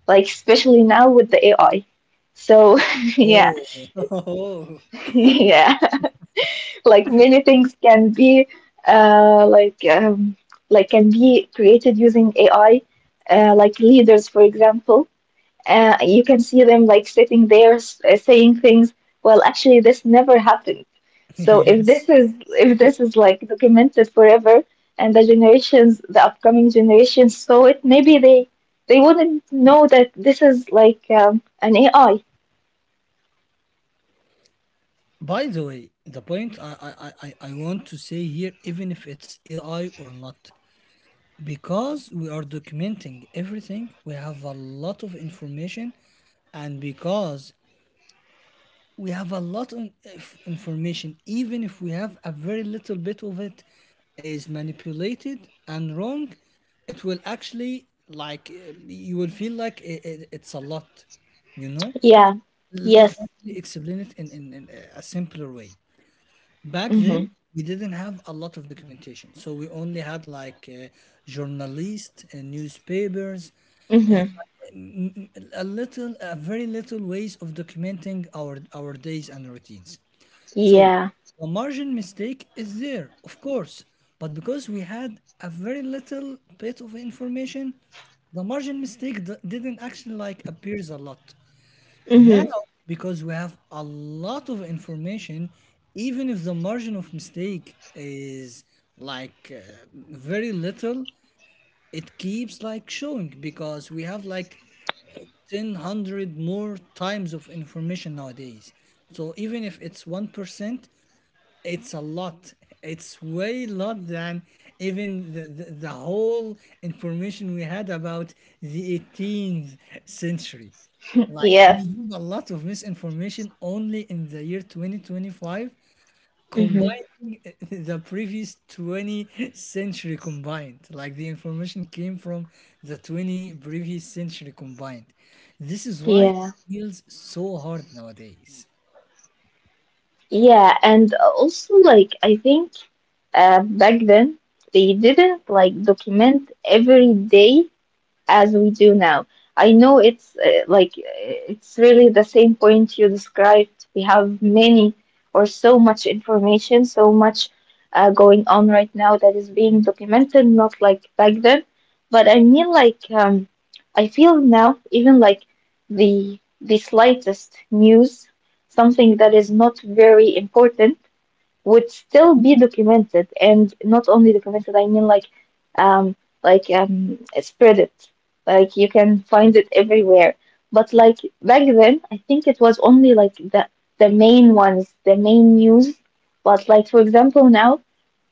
B: like, especially now with the A I. So yeah,
A: Oh, oh,
B: yeah, like many things can be, uh, like, um, like, can be created using A I, uh, like leaders, for example. Uh, you can see them like sitting there, s- uh, saying things. Well, actually, this never happened. So if
A: yes.
B: this is if this is like documented forever, and the generations, the upcoming generations saw it, maybe they they wouldn't know that this is like, um, an A I.
A: By the way, the point I, I, I, I I want to say here, even if it's A I or not, because we are documenting everything, we have a lot of information, and because we have a lot of inf- information, even if we have a very little bit of it is manipulated and wrong, it will actually like uh, you will feel like it. I it's a lot you know
B: Yeah.
A: Let
B: Yes.
A: me explain it in, in, in a simpler way. Back
B: Mm-hmm.
A: then, we didn't have a lot of documentation, so we only had like uh, journalists and newspapers,
B: Mm-hmm.
A: a little, a very little ways of documenting our our days and routines. So
B: Yeah.
A: the margin mistake is there, of course, but because we had a very little bit of information, the margin mistake d- didn't actually like appears a lot. Now, because we have a lot of information, even if the margin of mistake is like uh, very little, it keeps like showing because we have like one thousand more times of information nowadays, so even if it's one percent, it's a lot. It's way lot than even the, the, the whole information we had about the eighteenth century. Like,
B: Yeah.
A: we have a lot of misinformation only in the year twenty twenty-five
B: Hmm.
A: combining the previous twentieth century combined, like the information came from the twentieth previous century combined. This is why it
B: Yeah.
A: feels so hard nowadays.
B: Yeah. And also, like, I think, uh, back then they didn't like document every day as we do now. I know it's uh, like uh, it's really the same point you described. We have many, or so much information, so much uh, going on right now that is being documented, not like back then. But I mean, like, um, I feel now, even like the the slightest news, something that is not very important would still be documented, and not only documented. I mean, like, um like, um spread it, like, you can find it everywhere. But like back then, I think it was only like the the main ones, the main news. But like, for example, now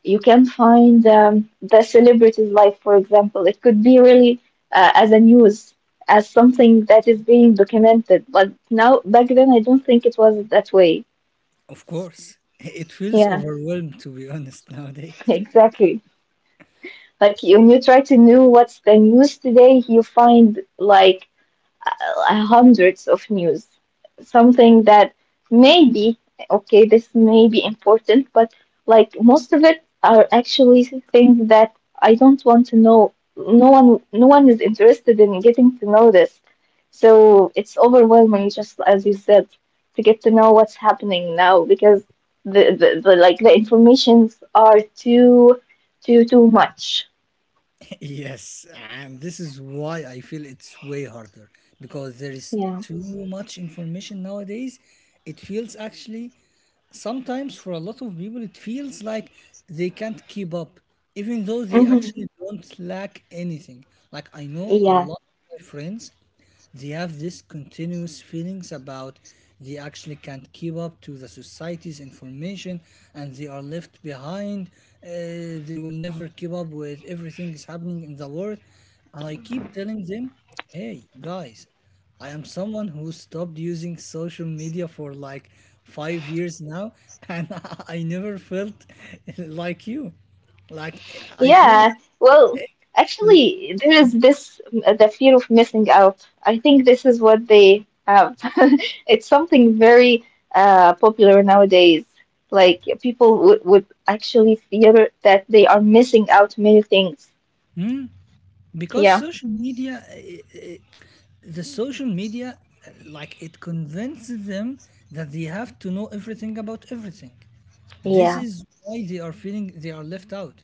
B: you can find, um, the celebrity's life, for example. It could be really, uh, as a news, as something that is being documented. But now, back then, I don't think it was that way.
A: Of course, it feels
B: Yeah.
A: overwhelmed to be honest nowadays.
B: Exactly. Like, when you try to know what's the news today, you find like uh, hundreds of news. Something that, maybe, okay, this may be important, but like most of it are actually things that I don't want to know. No one, no one is interested in getting to know this. So it's overwhelming, just as you said, to get to know what's happening now, because the, the, the like the informations are too too too much.
A: Yes, and this is why I feel it's way harder because there is
B: Yeah.
A: too much information nowadays. It feels actually sometimes for a lot of people, it feels like they can't keep up, even though they
B: Hmm.
A: actually don't lack anything. Like, I know a
B: Yeah.
A: lot of my friends, they have this continuous feelings about they actually can't keep up to the society's information and they are left behind. Uh, they will never keep up with everything is happening in the world, and I keep telling them, hey guys, I am someone who stopped using social media for like five years now, and I never felt like you. Like, I feel,
B: Yeah. Well, actually, there is this uh, the fear of missing out. I think this is what they have. It's something very uh popular nowadays. Like, people would would actually fear that they are missing out many things.
A: because
B: Yeah.
A: social media, eh, eh, the social media, eh, like, it convinces them that they have to know everything about everything. This
B: Yeah.
A: is why they are feeling they are left out,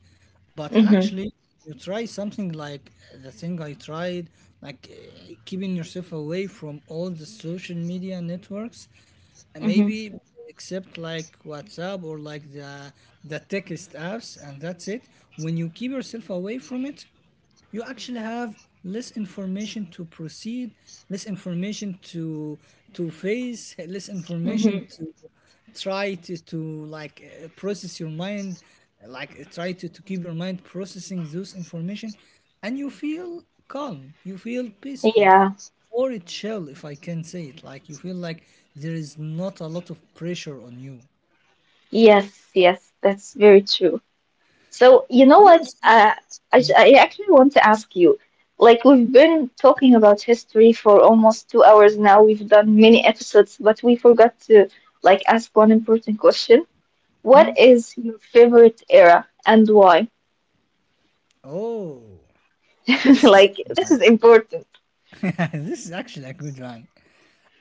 A: but
B: Mm-hmm.
A: actually, you try something like, eh, the thing I tried, like, eh, keeping yourself away from all the social media networks, and
B: Mm-hmm.
A: maybe except like WhatsApp or like the the text apps, and that's it. When you keep yourself away from it, you actually have less information to proceed, less information to to face, less information
B: Mm-hmm.
A: to try to, to like uh, process your mind, like uh, try to, to keep your mind processing those information, and you feel calm, you feel peaceful,
B: Yeah.
A: or it chill, if I can say it. Like, you feel like there is not a lot of pressure on you.
B: Yes. Yes. That's very true. So you
A: Yes.
B: know what? Uh, I I actually want to ask you. Like, we've been talking about history for almost two hours now. We've done many episodes, but we forgot to, like, ask one important question. What
A: Hmm?
B: is your favorite era and why?
A: Oh, this is a
B: Like, this
A: good
B: is important.
A: one. This is actually a good one.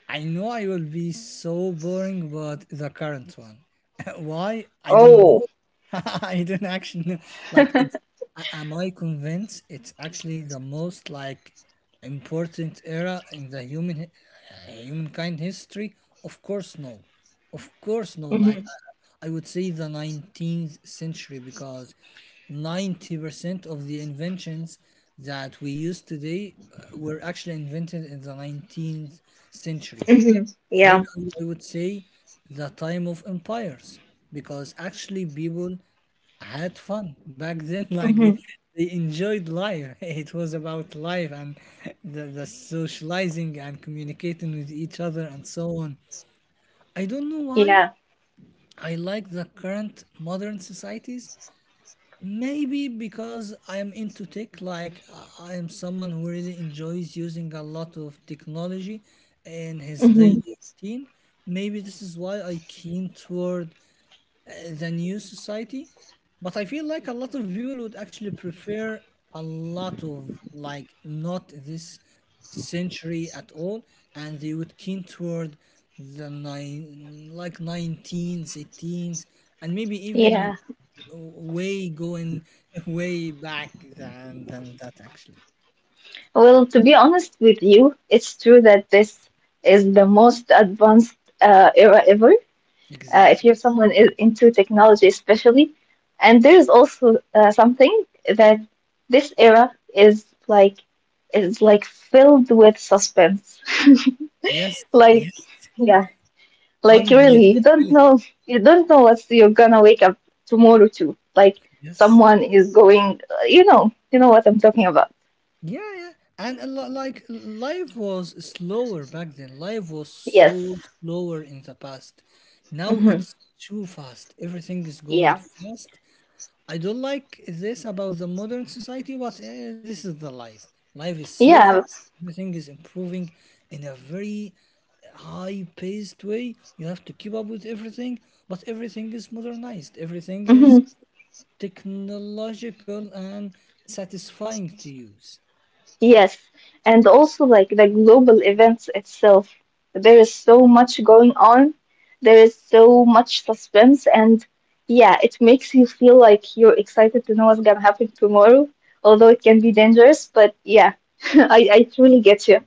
A: I know I will be so boring, but the current one. Why? I don't know.
B: Oh.
A: I don't actually know. Like, it's, a- am I convinced it's actually the most like important era in the human hi- uh, humankind history? Of course, no. Of course, no. Like,
B: Mhm.
A: I, I would say the nineteenth century because ninety percent of the inventions that we use today uh, were actually invented in the nineteenth century.
B: Mhm.
A: Maybe
B: Yeah.
A: I I would say the time of empires, because actually people had fun back then. Like, they,
B: Mhm.
A: they enjoyed life. It was about life and the, the socializing and communicating with each other and so on. I don't know why.
B: Yeah.
A: I like the current modern societies. Maybe because I am into tech, like, uh, I am someone who really enjoys using a lot of technology in his
B: Mhm.
A: daily routine. Maybe this is why I keen toward the new society, but I feel like a lot of people would actually prefer a lot of like not this century at all, and they would keen toward the nine like nineteens, eighteens, and maybe even
B: Yeah.
A: way going way back than than that actually.
B: Well, to be honest with you, it's true that this is the most advanced uh, era ever. Uh, if
A: Exactly.
B: you're someone, i- into technology, especially. And there's also uh, something that this era is like, is like filled with suspense.
A: Yes.
B: Like,
A: Yes.
B: yeah, like, really, you don't
A: Unbelievability.
B: know you don't know what you're gonna wake up tomorrow to. Like,
A: Yes.
B: someone is going, uh, you know, you know what I'm talking about.
A: Yeah, yeah. And a lot, like, life was slower back then. Life was so
B: Yes.
A: slower in the past. Now
B: Hmm.
A: it's too fast. Everything is going
B: Yeah.
A: fast. I don't like this about the modern society, but eh, this is the life. Life is so
B: Yeah.
A: fast. Everything is improving in a very high-paced way. You have to keep up with everything, but everything is modernized. Everything
B: Mm-hmm.
A: is technological and satisfying to use.
B: Yes, and also like the global events itself. There is so much going on. There is so much suspense, and yeah, it makes you feel like you're excited to know what's gonna happen tomorrow, although it can be dangerous, but yeah, I, I truly get you.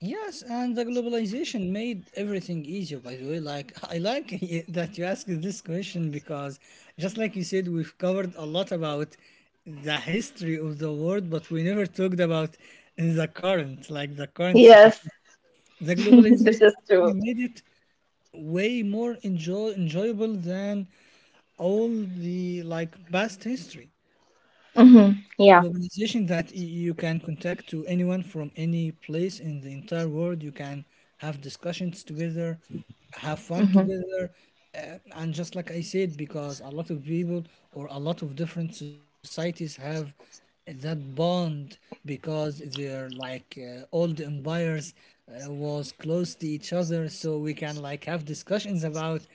A: Yes, and the globalization made everything easier, by the way. Like, I like that you asked this question because, just like you said, we've covered a lot about the history of the world, but we never talked about the current, like the current
B: Yes,
A: situation. The globalization
B: this is true.
A: actually made it way more enjoy enjoyable than all the like past history.
B: Hmm. Yeah.
A: Globalization, that y- you can contact to anyone from any place in the entire world. You can have discussions together, have fun
B: Hmm.
A: together, uh, and just like I said, because a lot of people or a lot of different societies have that bond, because they're like, uh, old empires, uh, was close to each other, so we can like have discussions about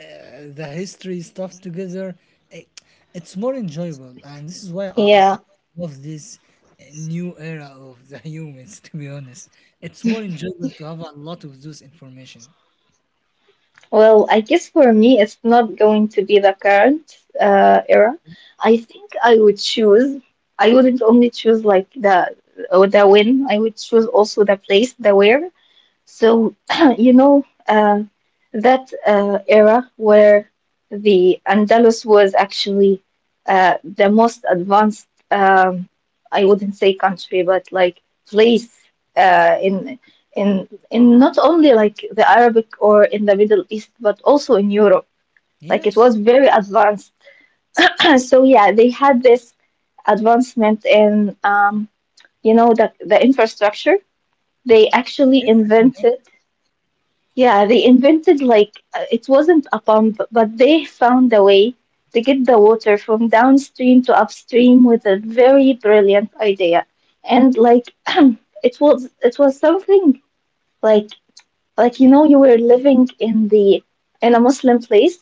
A: uh, the history stuff together. it, it's more enjoyable, and this is why I, I,
B: Yeah.
A: I love this uh, new era of the humans, to be honest. It's more enjoyable to have a lot of those information.
B: Well, I guess for me, it's not going to be the current uh, era. I think I would choose. I wouldn't only choose like the, or the when. I would choose also the place, the where. So, you know, um, that uh, era where the Andalus was actually uh, the most advanced, um, I wouldn't say country, but like, place, uh, in in in not only like the Arabic or in the Middle East, but also in Europe. Like, it was
A: Yes.
B: very advanced. So yeah, they had this advancement in, um, you know, the the infrastructure. They actually invented.
A: Everything.
B: Yeah, they invented, like, uh, it wasn't a pump, but they found a way to get the water from downstream to upstream with a very brilliant idea. And like, it was it was something, like, like you know, you were living in the in a Muslim place,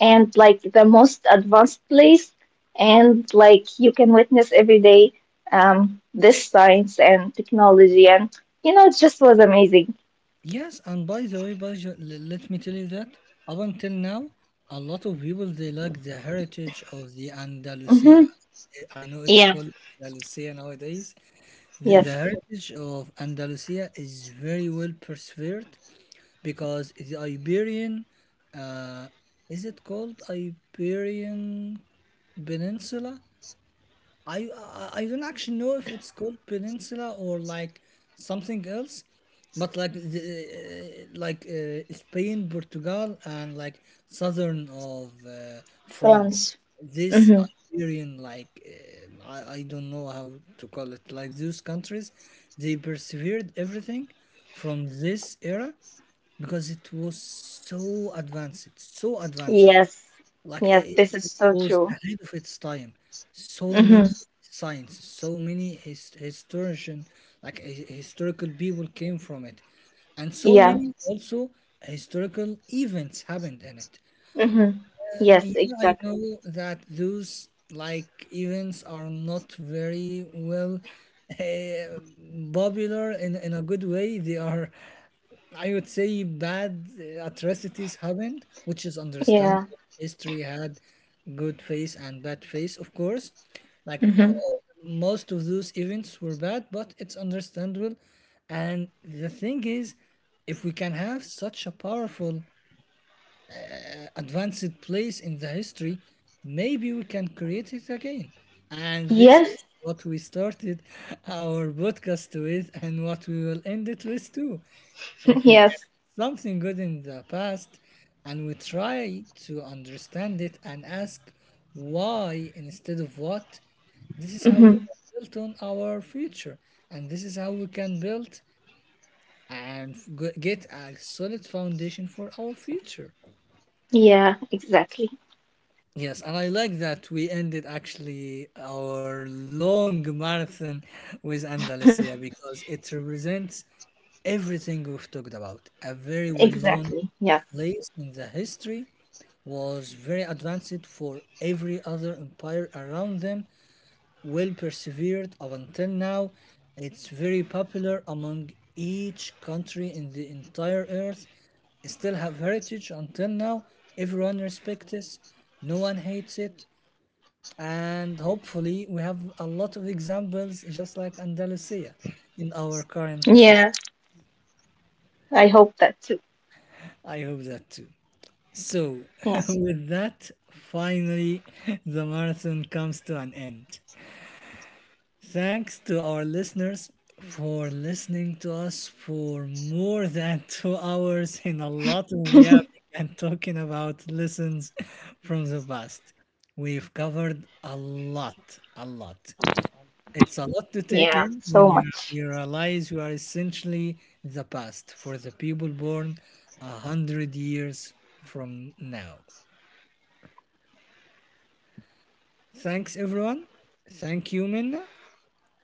B: and like the most advanced place, and like you can witness every day um this science and technology, and, you know it just was amazing.
A: Yes, and by the way, Baja, l- let me tell you that up until now, a lot of people, they like the heritage of the
B: Hmm.
A: Andalusia. I I know it's
B: Yeah.
A: called Andalusia nowadays. The, the
B: Yes.
A: heritage of Andalusia is very well preserved because the Iberian, uh, is it called Iberian Peninsula? I I I don't actually know if it's called peninsula or like something else, but like the, uh, uh, like uh, Spain, Portugal, and like southern of uh, France.
B: France.
A: This
B: Hmm.
A: Iberian, like, um I I don't know how to call it. Like, those countries, they persevered everything from this era because it was so advanced, so advanced.
B: Yes.
A: Like,
B: Yes,
A: it,
B: this is
A: it
B: so
A: was
B: true.
A: ahead of its time. So
B: Hmm.
A: many science, so many his, historian, like hi- historical people came from it, and so
B: Yeah.
A: many also historical events happened in it.
B: Hmm.
A: Um,
B: Yes,
A: yeah, I
B: exactly.
A: know that those like events are not very well uh, popular in, in a good way. They are, I would say, bad uh, atrocities happened, which is understandable.
B: Yeah.
A: History had good face and bad face, of course. Like,
B: Hmm.
A: all- most of those events were bad, but it's understandable. And the thing is, if we can have such a powerful advanced place in the history, maybe we can create it again. And this
B: Yes.
A: is what we started our podcast with and what we will end it with too. If we can
B: Yes.
A: something good in the past and we try to understand it and ask why instead of what, this is how we
B: Hmm.
A: can build on our future, and this is how we can build and f- g- get a solid foundation for our future.
B: Yeah, exactly.
A: Yes, and I like that we ended actually our long marathon with Andalusia because it represents everything we've talked about. A very well known
B: Exactly. Yes.
A: place in the history, was very advanced for every other empire around them, well persevered up until now. It's very popular among each country in the entire earth. Still have heritage until now. Everyone respects it. No one hates it. And hopefully we have a lot of examples just like Andalusia in our current system.
B: Yeah. I hope that too.
A: I hope that too. So
B: Yeah.
A: with that, finally the marathon comes to an end. Thanks to our listeners for listening to us for more than two hours in a lot of yapping and talking about lessons from the past. We've covered a lot, a lot.
B: Yeah.
A: It's a lot
B: So
A: to take
B: much.
A: in when you, you realize you are essentially the past for the people born a hundred years from now. Thanks, everyone. Thank you, Minna.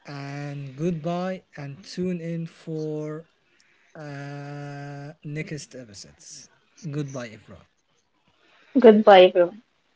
A: And goodbye, and tune in for uh, next episodes. Goodbye, everyone.
B: Goodbye, everyone.